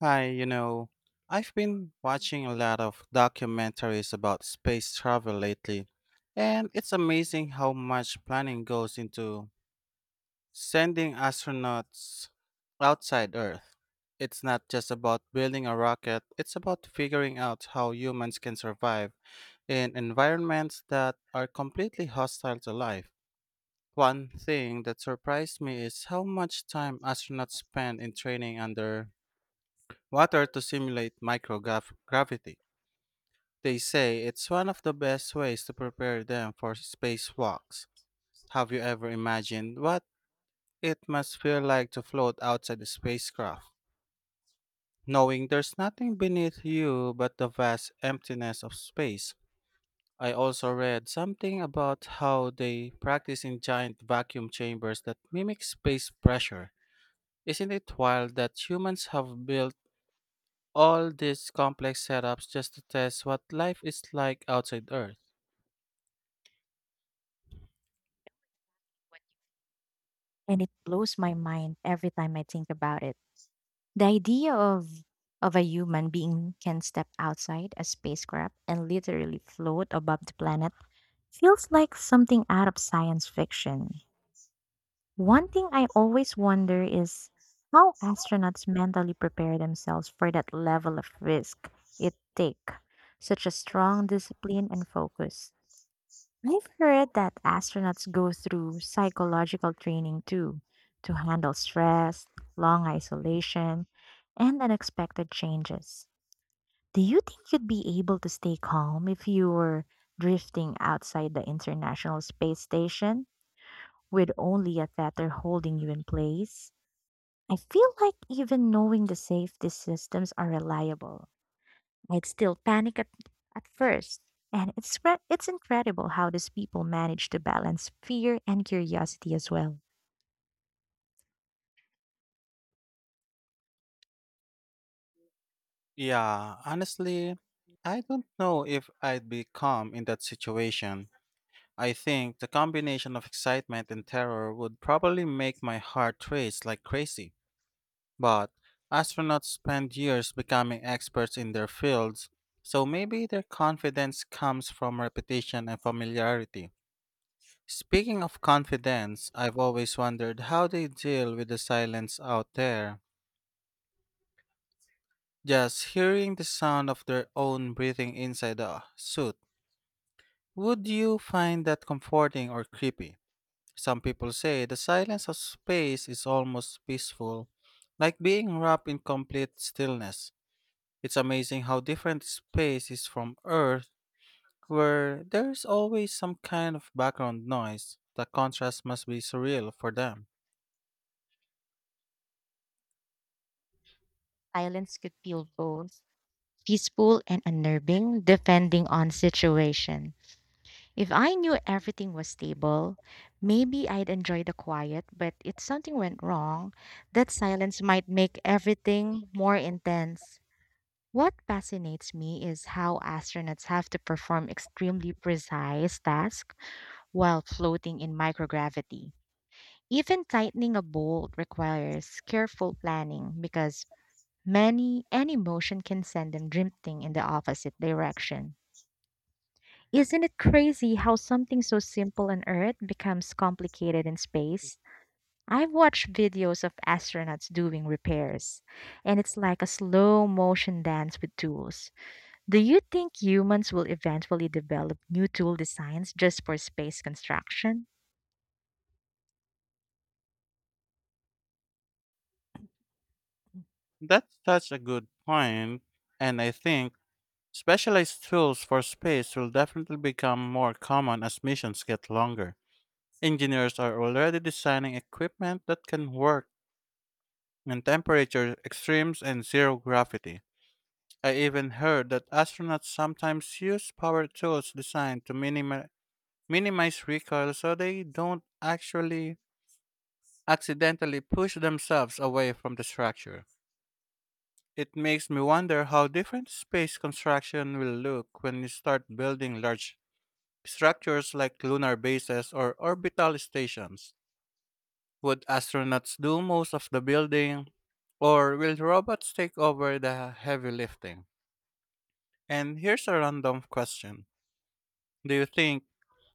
Hi, you know, I've been watching a lot of documentaries about space travel lately, and it's amazing how much planning goes into sending astronauts outside Earth. It's not just about building a rocket, it's about figuring out how humans can survive in environments that are completely hostile to life. One thing that surprised me is how much time astronauts spend in training under water to simulate microgravity. They say it's one of the best ways to prepare them for spacewalks. Have you ever imagined what it must feel like to float outside the spacecraft, knowing there's nothing beneath you but the vast emptiness of space? I also read something about how they practice in giant vacuum chambers that mimic space pressure. Isn't it wild that humans have built all these complex setups just to test what life is like outside Earth? And it blows my mind every time I think about it. The idea of a human being can step outside a spacecraft and literally float above the planet feels like something out of science fiction. One thing I always wonder is how astronauts mentally prepare themselves for that level of risk it take, such a strong discipline and focus. I've heard that astronauts go through psychological training too to handle stress, long isolation, and unexpected changes. Do you think you'd be able to stay calm if you were drifting outside the International Space Station with only a tether holding you in place? I feel like even knowing the safety systems are reliable, I'd still panic at first. And it's incredible how these people manage to balance fear and curiosity as well. Yeah, honestly, I don't know if I'd be calm in that situation. I think the combination of excitement and terror would probably make my heart race like crazy. But astronauts spend years becoming experts in their fields, so maybe their confidence comes from repetition and familiarity. Speaking of confidence, I've always wondered how they deal with the silence out there, just hearing the sound of their own breathing inside the suit. Would you find that comforting or creepy? Some people say the silence of space is almost peaceful, like being wrapped in complete stillness. It's amazing how different space is from Earth, where there's always some kind of background noise. The contrast must be surreal for them. Silence could feel both peaceful and unnerving, depending on situation. If I knew everything was stable, maybe I'd enjoy the quiet, but if something went wrong, that silence might make everything more intense. What fascinates me is how astronauts have to perform extremely precise tasks while floating in microgravity. Even tightening a bolt requires careful planning because many any motion can send them drifting in the opposite direction. Isn't it crazy how something so simple on Earth becomes complicated in space? I've watched videos of astronauts doing repairs, and it's like a slow motion dance with tools. Do you think humans will eventually develop new tool designs just for space construction? That's such a good point, and I think specialized tools for space will definitely become more common as missions get longer. Engineers are already designing equipment that can work in temperature extremes and zero gravity. I even heard that astronauts sometimes use power tools designed to minimize recoil so they don't actually accidentally push themselves away from the structure. It makes me wonder how different space construction will look when you start building large structures like lunar bases or orbital stations. Would astronauts do most of the building, or will robots take over the heavy lifting? And here's a random question. Do you think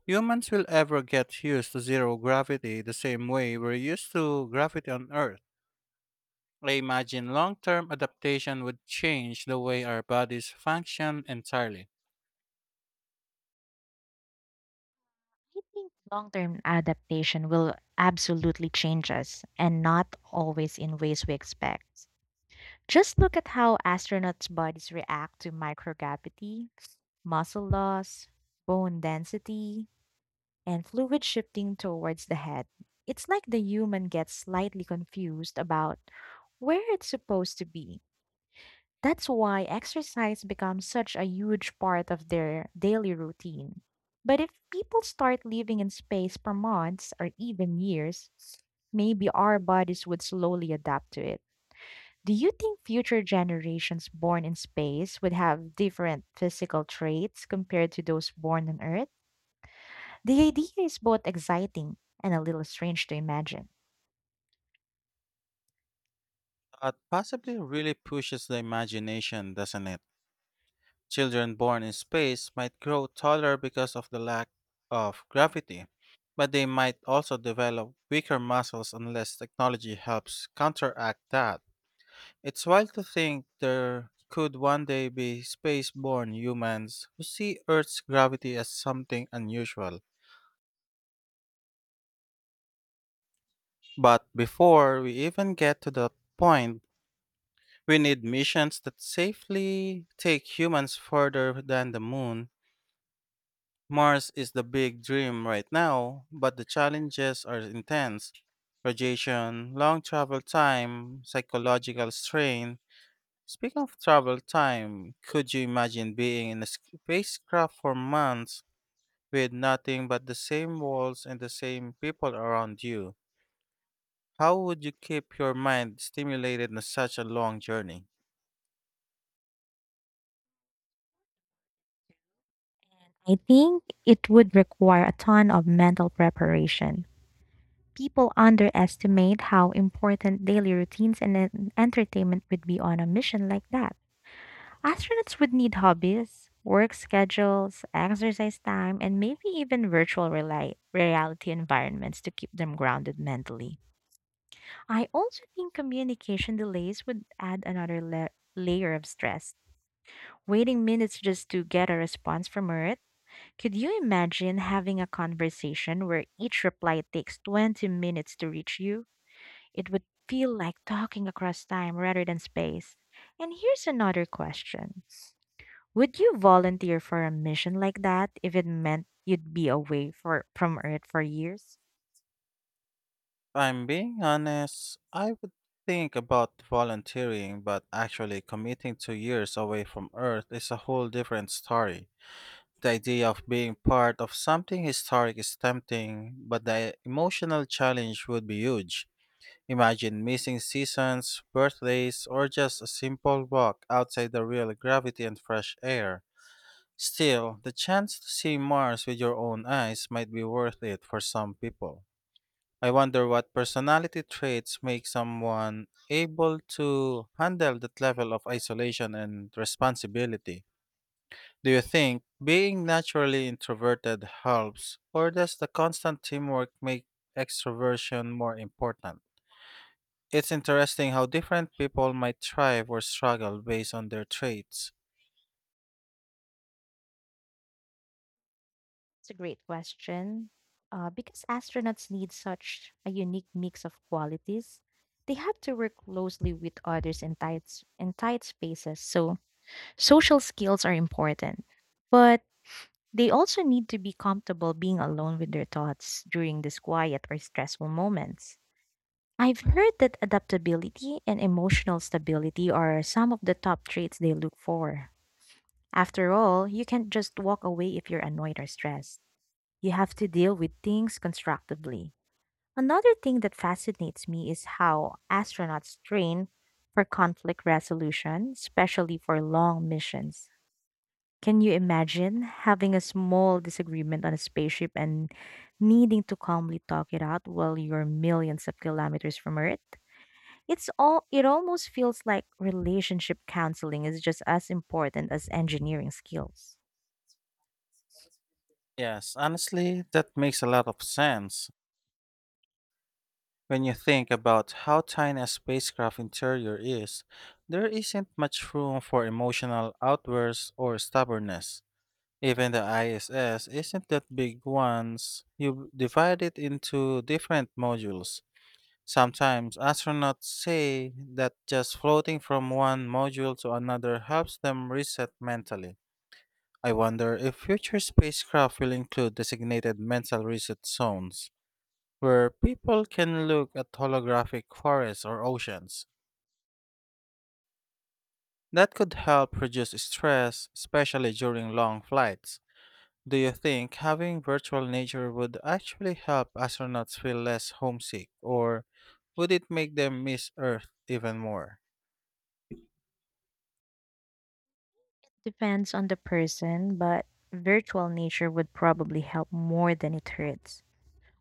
humans will ever get used to zero gravity the same way we're used to gravity on Earth? I imagine long term adaptation would change the way our bodies function entirely. I think long term adaptation will absolutely change us and not always in ways we expect. Just look at how astronauts' bodies react to microgravity, muscle loss, bone density, and fluid shifting towards the head. It's like the human gets slightly confused about where it's supposed to be. That's why exercise becomes such a huge part of their daily routine. But if people start living in space for months or even years, maybe our bodies would slowly adapt to it. Do you think future generations born in space would have different physical traits compared to those born on Earth? The idea is both exciting and a little strange to imagine. But possibly really pushes the imagination, doesn't it? Children born in space might grow taller because of the lack of gravity, but they might also develop weaker muscles unless technology helps counteract that. It's wild to think there could one day be space born humans who see Earth's gravity as something unusual. But before we even get to that point, we need missions that safely take humans further than the moon. Mars is the big dream right now, but the challenges are intense. Radiation, long travel time, psychological strain. Speaking of travel time, could you imagine being in a spacecraft for months with nothing but the same walls and the same people around you? How would you keep your mind stimulated in such a long journey? I think it would require a ton of mental preparation. People underestimate how important daily routines and entertainment would be on a mission like that. Astronauts would need hobbies, work schedules, exercise time, and maybe even virtual reality environments to keep them grounded mentally. I also think communication delays would add another layer of stress. Waiting minutes just to get a response from Earth. Could you imagine having a conversation where each reply takes 20 minutes to reach you? It would feel like talking across time rather than space. And here's another question. Would you volunteer for a mission like that if it meant you'd be away from Earth for years? If I'm being honest, I would think about volunteering, but actually committing 2 years away from Earth is a whole different story. The idea of being part of something historic is tempting, but the emotional challenge would be huge. Imagine missing seasons, birthdays, or just a simple walk outside the real gravity and fresh air. Still, the chance to see Mars with your own eyes might be worth it for some people. I wonder what personality traits make someone able to handle that level of isolation and responsibility. Do you think being naturally introverted helps, or does the constant teamwork make extroversion more important? It's interesting how different people might thrive or struggle based on their traits. It's a great question. Because astronauts need such a unique mix of qualities, they have to work closely with others in in tight spaces, so social skills are important. But they also need to be comfortable being alone with their thoughts during these quiet or stressful moments. I've heard that adaptability and emotional stability are some of the top traits they look for. After all, you can't just walk away if you're annoyed or stressed. You have to deal with things constructively. Another thing that fascinates me is how astronauts train for conflict resolution, especially for long missions. Can you imagine having a small disagreement on a spaceship and needing to calmly talk it out while you're millions of kilometers from Earth? It almost feels like relationship counseling is just as important as engineering skills. Yes, honestly, that makes a lot of sense. When you think about how tiny a spacecraft interior is, there isn't much room for emotional outbursts or stubbornness. Even the ISS isn't that big once you divide it into different modules. Sometimes astronauts say that just floating from one module to another helps them reset mentally. I wonder if future spacecraft will include designated mental reset zones where people can look at holographic forests or oceans. That could help reduce stress, especially during long flights. Do you think having virtual nature would actually help astronauts feel less homesick, or would it make them miss Earth even more? Depends on the person, but virtual nature would probably help more than it hurts.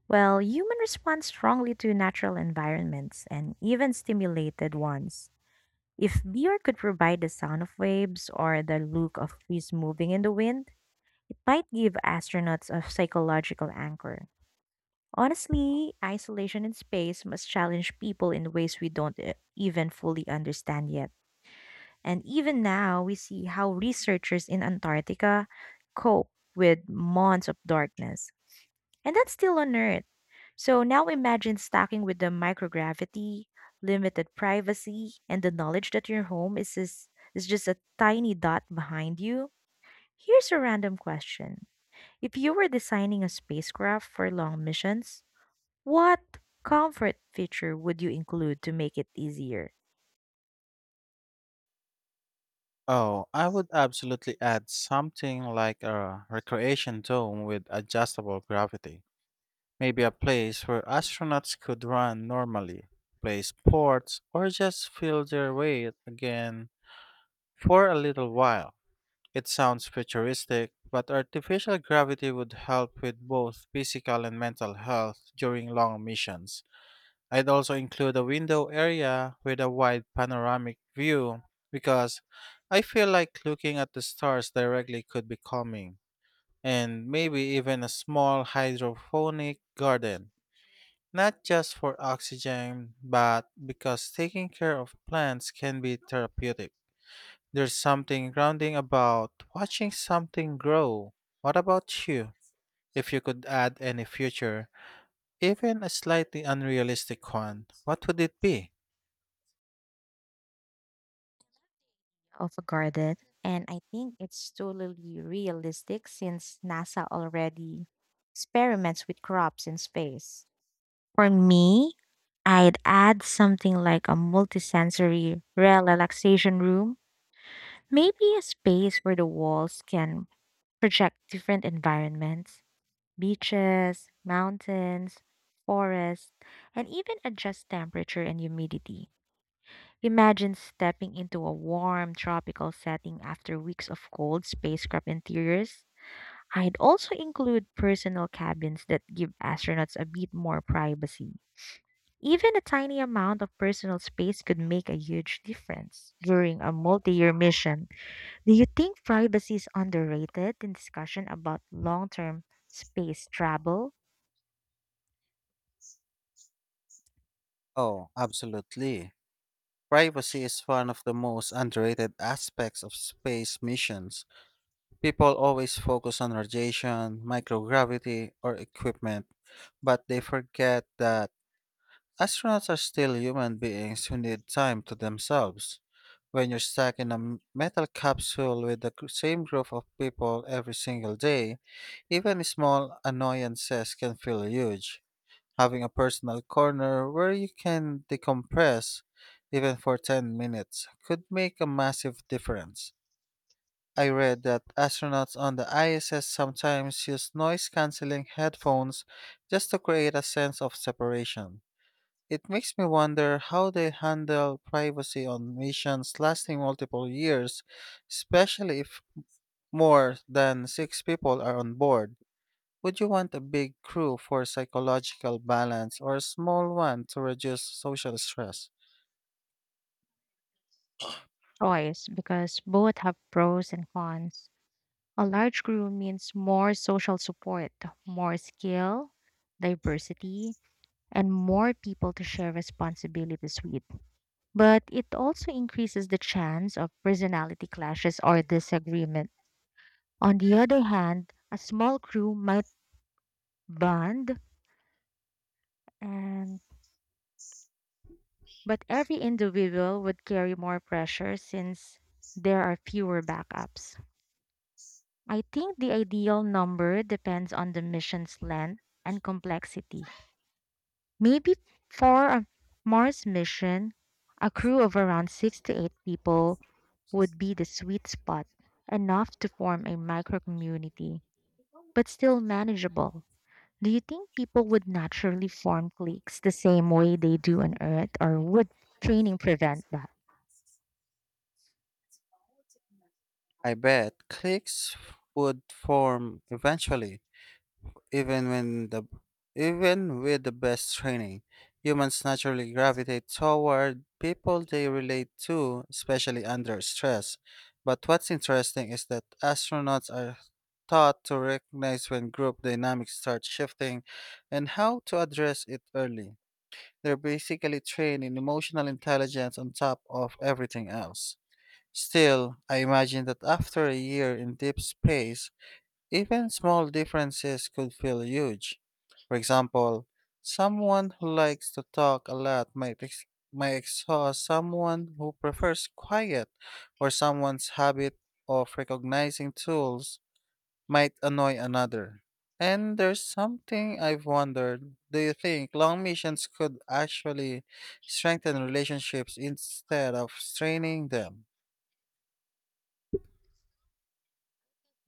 Well, humans respond strongly to natural environments and even stimulated ones. If beer could provide the sound of waves or the look of trees moving in the wind, it might give astronauts a psychological anchor. Honestly, isolation in space must challenge people in ways we don't even fully understand yet. And even now, we see how researchers in Antarctica cope with months of darkness. And that's still on Earth. So now imagine stacking with the microgravity, limited privacy, and the knowledge that your home is just a tiny dot behind you. Here's a random question. If you were designing a spacecraft for long missions, what comfort feature would you include to make it easier? Oh, I would absolutely add something like a recreation dome with adjustable gravity. Maybe a place where astronauts could run normally, play sports, or just feel their weight again for a little while. It sounds futuristic, but artificial gravity would help with both physical and mental health during long missions. I'd also include a window area with a wide panoramic view, because I feel like looking at the stars directly could be calming, and maybe even a small hydroponic garden, not just for oxygen, but because taking care of plants can be therapeutic. There's something grounding about watching something grow. What about you? If you could add any future, even a slightly unrealistic one, what would it be? Of a garden, and I think it's totally realistic since NASA already experiments with crops in space. For me, I'd add something like a multisensory relaxation room, maybe a space where the walls can project different environments, beaches, mountains, forests, and even adjust temperature and humidity. Imagine stepping into a warm tropical setting after weeks of cold spacecraft interiors. I'd also include personal cabins that give astronauts a bit more privacy. Even a tiny amount of personal space could make a huge difference during a multi year mission. Do you think privacy is underrated in discussion about long term space travel? Oh, absolutely. Privacy is one of the most underrated aspects of space missions. People always focus on radiation, microgravity, or equipment, but they forget that astronauts are still human beings who need time to themselves. When you're stuck in a metal capsule with the same group of people every single day, even small annoyances can feel huge. Having a personal corner where you can decompress, even for 10 minutes, could make a massive difference. I read that astronauts on the ISS sometimes use noise canceling headphones just to create a sense of separation. It makes me wonder how they handle privacy on missions lasting multiple years, especially if more than six people are on board. Would you want a big crew for psychological balance or a small one to reduce social stress? Choice because both have pros and cons. A large crew means more social support, more skill, diversity, and more people to share responsibilities with. But it also increases the chance of personality clashes or disagreements. On the other hand, a small crew might bond, and but every individual would carry more pressure since there are fewer backups. I think the ideal number depends on the mission's length and complexity. Maybe for a Mars mission, a crew of around 6 to 8 people would be the sweet spot, enough to form a micro community, but still manageable. Do you think people would naturally form cliques the same way they do on Earth, or would training prevent that? I bet cliques would form eventually. Even when the Even with the best training, humans naturally gravitate toward people they relate to, especially under stress. But what's interesting is that astronauts are taught to recognize when group dynamics start shifting and how to address it early. They're basically trained in emotional intelligence on top of everything else. Still, I imagine that after a year in deep space, even small differences could feel huge. For example, someone who likes to talk a lot might exhaust someone who prefers quiet, or someone's habit of recognizing tools might annoy another. And there's something I've wondered. Do you think long missions could actually strengthen relationships instead of straining them?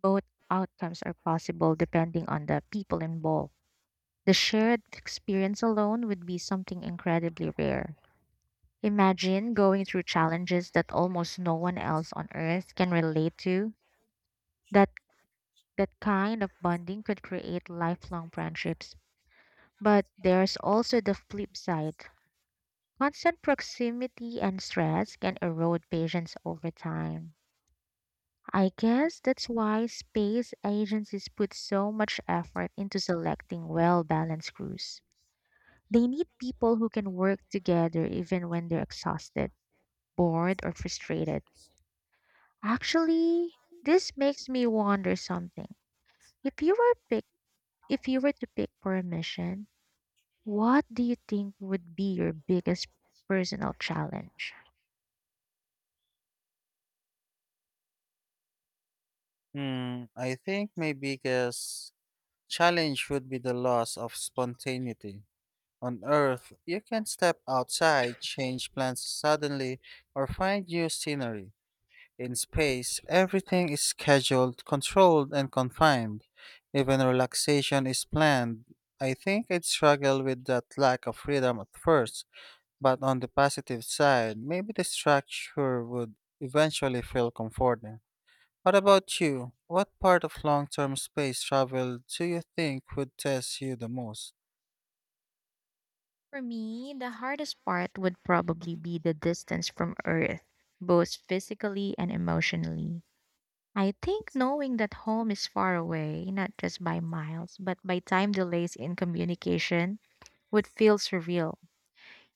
Both outcomes are possible depending on the people involved. The shared experience alone would be something incredibly rare. Imagine going through challenges that almost no one else on Earth can relate to. That that kind of bonding could create lifelong friendships. But there's also the flip side. Constant proximity and stress can erode patience over time. I guess that's why space agencies put so much effort into selecting well balanced crews. They need people who can work together even when they're exhausted, bored, or frustrated. Actually, this makes me wonder something. If you were pick, if you were to pick for a mission, what do you think would be your biggest personal challenge? Hmm, I think my biggest challenge would be the loss of spontaneity. On Earth, you can step outside, change plans suddenly, or find new scenery. In space, everything is scheduled, controlled, and confined. Even relaxation is planned. I think I'd struggle with that lack of freedom at first, but on the positive side, maybe the structure would eventually feel comforting. What about you? What part of long term space travel do you think would test you the most? For me, the hardest part would probably be the distance from Earth, both physically and emotionally. I think knowing that home is far away, not just by miles, but by time delays in communication, would feel surreal.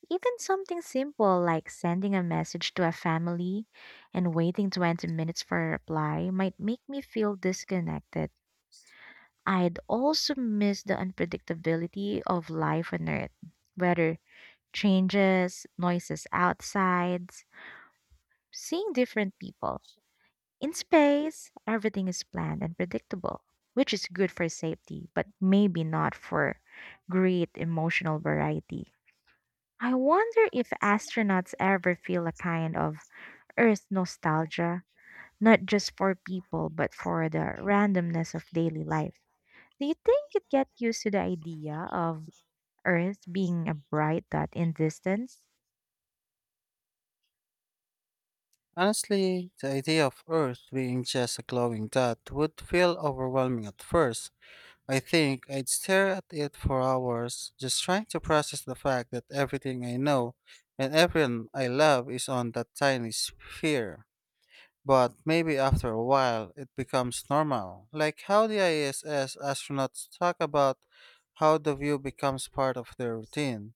Even something simple like sending a message to a family and waiting 20 minutes for a reply might make me feel disconnected. I'd also miss the unpredictability of life on Earth. Whether changes, noises outside, seeing different people. In space, everything is planned and predictable, which is good for safety, but maybe not for great emotional variety. I wonder if astronauts ever feel a kind of Earth nostalgia, not just for people, but for the randomness of daily life. Do you think you'd get used to the idea of Earth being a bright dot in distance? Honestly, the idea of Earth being just a glowing dot would feel overwhelming at first. I think I'd stare at it for hours, just trying to process the fact that everything I know and everyone I love is on that tiny sphere. But maybe after a while it becomes normal, like how the ISS astronauts talk about how the view becomes part of their routine.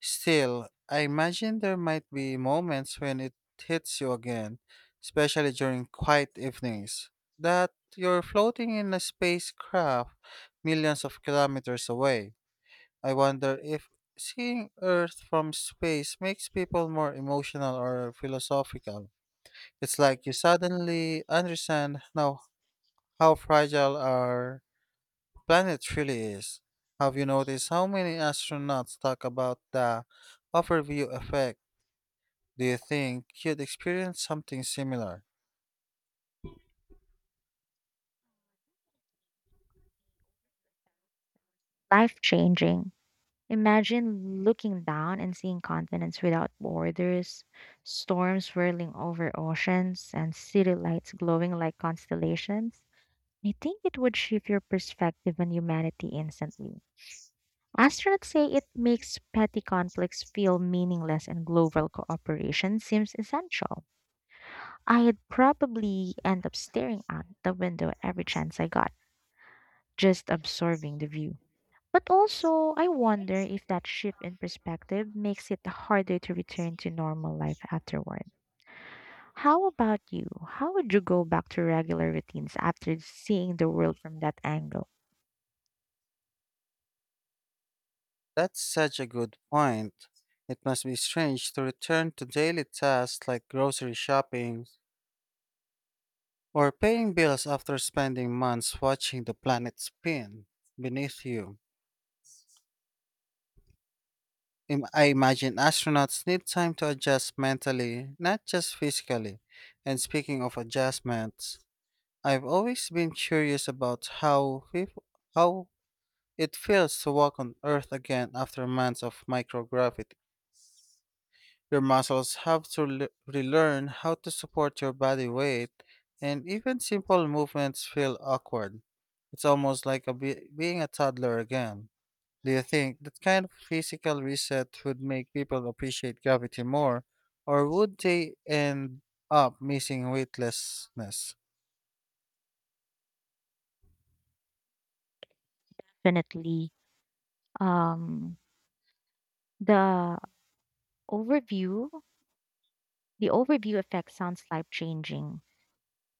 Still, I imagine there might be moments when it hits you again, especially during quiet evenings, that you're floating in a spacecraft millions of kilometers away. I wonder if seeing Earth from space makes people more emotional or philosophical. It's like you suddenly understand now how fragile our planet really is. Have you noticed how many astronauts talk about the overview effect? Do you think you'd experience something similar? Life changing. Imagine looking down and seeing continents without borders, storms swirling over oceans, and city lights glowing like constellations. I think it would shift your perspective on humanity instantly. Astronauts say it makes petty conflicts feel meaningless and global cooperation seems essential. I'd probably end up staring out the window every chance I got, just absorbing the view. But also, I wonder if that shift in perspective makes it harder to return to normal life afterward. How about you? How would you go back to regular routines after seeing the world from that angle? That's such a good point. It must be strange to return to daily tasks like grocery shopping or paying bills after spending months watching the planet spin beneath you. I imagine astronauts need time to adjust mentally, not just physically. And speaking of adjustments, I've always been curious about how it feels to walk on Earth again after months of microgravity. Your muscles have to relearn how to support your body weight, and even simple movements feel awkward. It's almost like being a toddler again. Do you think that kind of physical reset would make people appreciate gravity more, or would they end up missing weightlessness? Definitely. Um, the overview, the overview effect sounds life changing.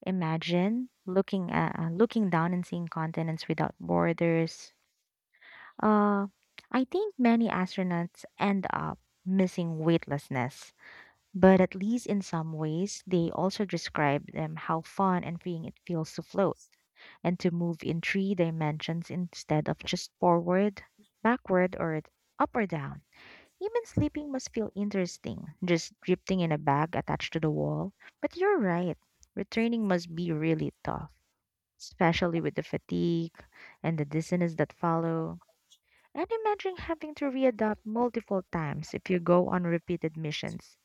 Imagine looking at, looking down and seeing continents without borders. Uh, I think many astronauts end up missing weightlessness. But at least in some ways, they also describe them how fun and freeing it feels to float and to move in three dimensions instead of just forward, backward, or up or down. Even sleeping must feel interesting, just drifting in a bag attached to the wall. But you're right, returning must be really tough, especially with the fatigue and the dissonance that follow. And imagine having to readapt multiple times if you go on repeated missions.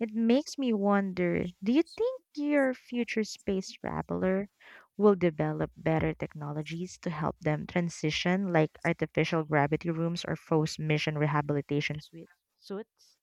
It makes me wonder, do you think your future space traveler will develop better technologies to help them transition, like artificial gravity rooms or forced mission rehabilitation suits?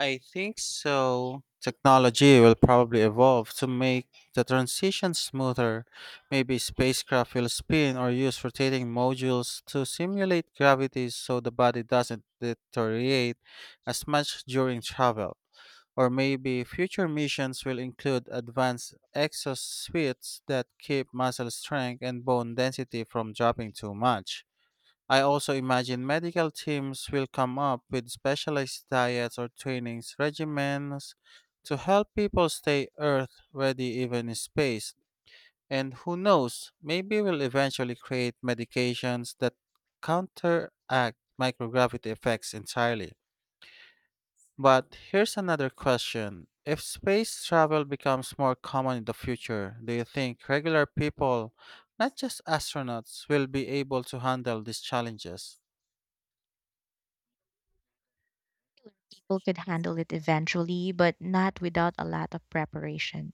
I think so. Technology will probably evolve to make the transition smoother. Maybe spacecraft will spin or use rotating modules to simulate gravity so the body doesn't deteriorate as much during travel. Or maybe future missions will include advanced exosuits that keep muscle strength and bone density from dropping too much. I also imagine medical teams will come up with specialized diets or trainings regimens to help people stay earth ready even in space. And who knows, maybe we'll eventually create medications that counteract microgravity effects entirely. But here's another question. If space travel becomes more common in the future, do you think regular people, not just astronauts, will be able to handle these challenges? People could handle it eventually, but not without a lot of preparation.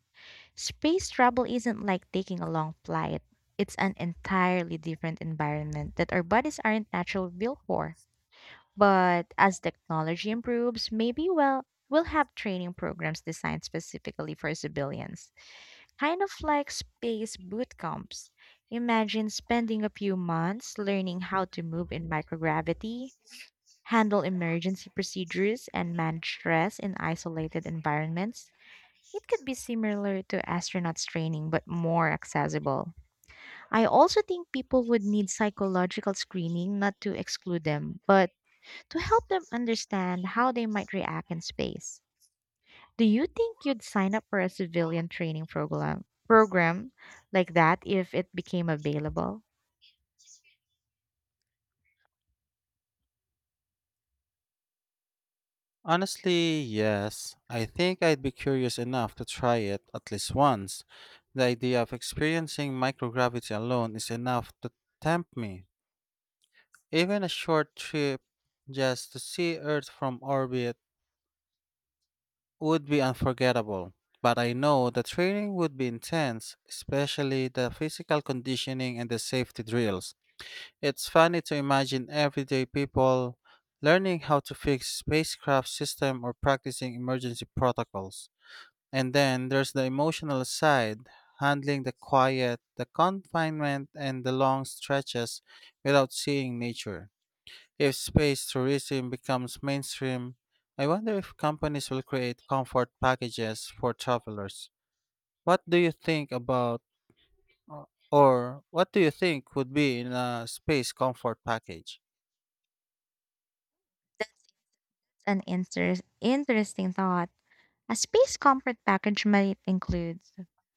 Space travel isn't like taking a long flight, it's an entirely different environment that our bodies aren't naturally built for. But as technology improves, maybe we'll have training programs designed specifically for civilians, kind of like space boot camps. Imagine spending a few months learning how to move in microgravity, handle emergency procedures, and manage stress in isolated environments. It could be similar to astronauts training, but more accessible. I also think people would need psychological screening, not to exclude them, but to help them understand how they might react in space. Do you think you'd sign up for a civilian training program like that if it became available? Honestly, yes. I think I'd be curious enough to try it at least once. The idea of experiencing microgravity alone is enough to tempt me. Even a short trip just to see Earth from orbit would be unforgettable. But I know the training would be intense, especially the physical conditioning and the safety drills. It's funny to imagine everyday people learning how to fix spacecraft system or practicing emergency protocols. And then there's the emotional side, handling the quiet, the confinement, and the long stretches without seeing nature. If space tourism becomes mainstream, I wonder if companies will create comfort packages for travelers. What do you think about, or what do you think would be in a space comfort package? That's an interesting thought. A space comfort package might include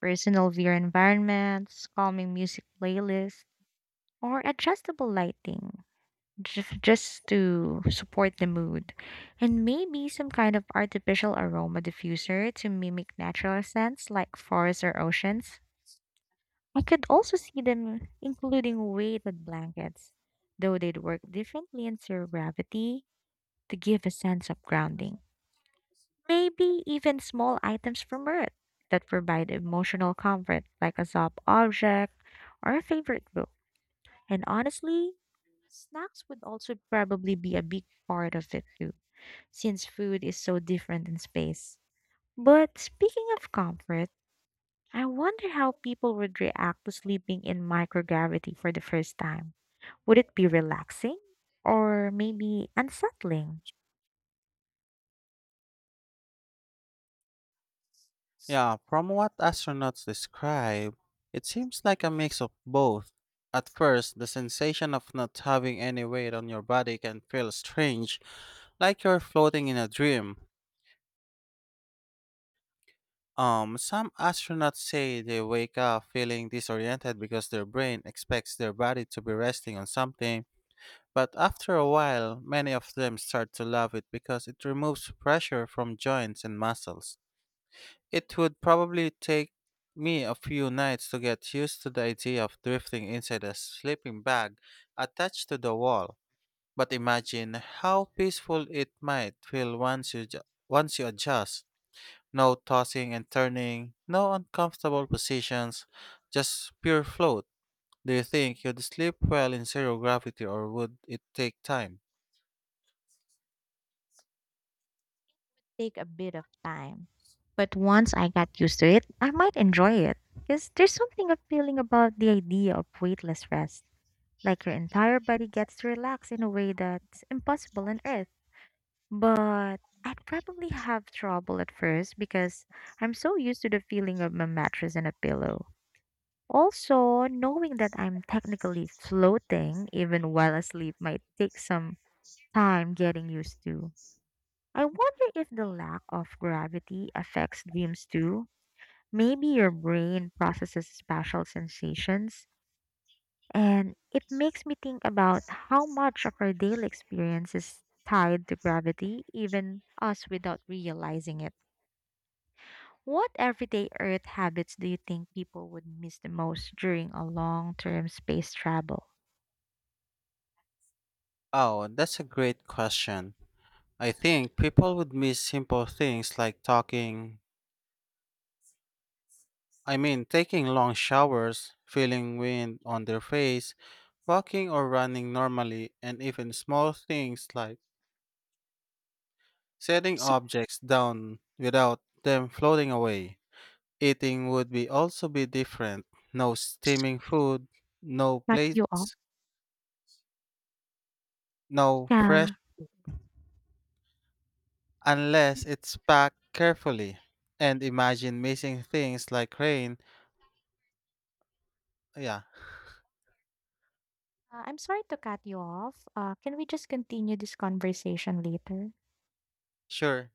personal VR environments, calming music playlists, or adjustable lighting, just to support the mood, and maybe some kind of artificial aroma diffuser to mimic natural scents like forests or oceans. I could also see them including weighted blankets, though they'd work differently in zero gravity, to give a sense of grounding. Maybe even small items from Earth that provide emotional comfort, like a soft object or a favorite book. And honestly, snacks would also probably be a big part of it too, since food is so different in space. But speaking of comfort, I wonder how people would react to sleeping in microgravity for the first time. Would it be relaxing or maybe unsettling? Yeah, from what astronauts describe, it seems like a mix of both. At first, the sensation of not having any weight on your body can feel strange, like you're floating in a dream. Some astronauts say they wake up feeling disoriented because their brain expects their body to be resting on something, but after a while, many of them start to love it because it removes pressure from joints and muscles. It would probably take me a few nights to get used to the idea of drifting inside a sleeping bag attached to the wall, but imagine how peaceful it might feel once you adjust. No tossing and turning, no uncomfortable positions, just pure float. Do you think you'd sleep well in zero gravity or would it take time? Take a bit of time. But once I got used to it, I might enjoy it because there's something appealing about the idea of weightless rest. Like your entire body gets to relax in a way that's impossible on Earth. But I'd probably have trouble at first because I'm so used to the feeling of my mattress and a pillow. Also, knowing that I'm technically floating even while asleep might take some time getting used to. I wonder if the lack of gravity affects dreams too. Maybe your brain processes special sensations. And it makes me think about how much of our daily experience is tied to gravity, even us without realizing it. What everyday Earth habits do you think people would miss the most during a long term space travel? Oh, that's a great question. I think people would miss simple things like taking long showers, feeling wind on their face, walking or running normally, and even small things like setting So, objects down without them floating away. Eating would be also be different. No so, steaming food, no cut you off. plates, no fresh Yeah. unless it's packed carefully. And imagine missing things like rain. Yeah, I'm sorry to cut you off. Can we just continue this conversation later? sure.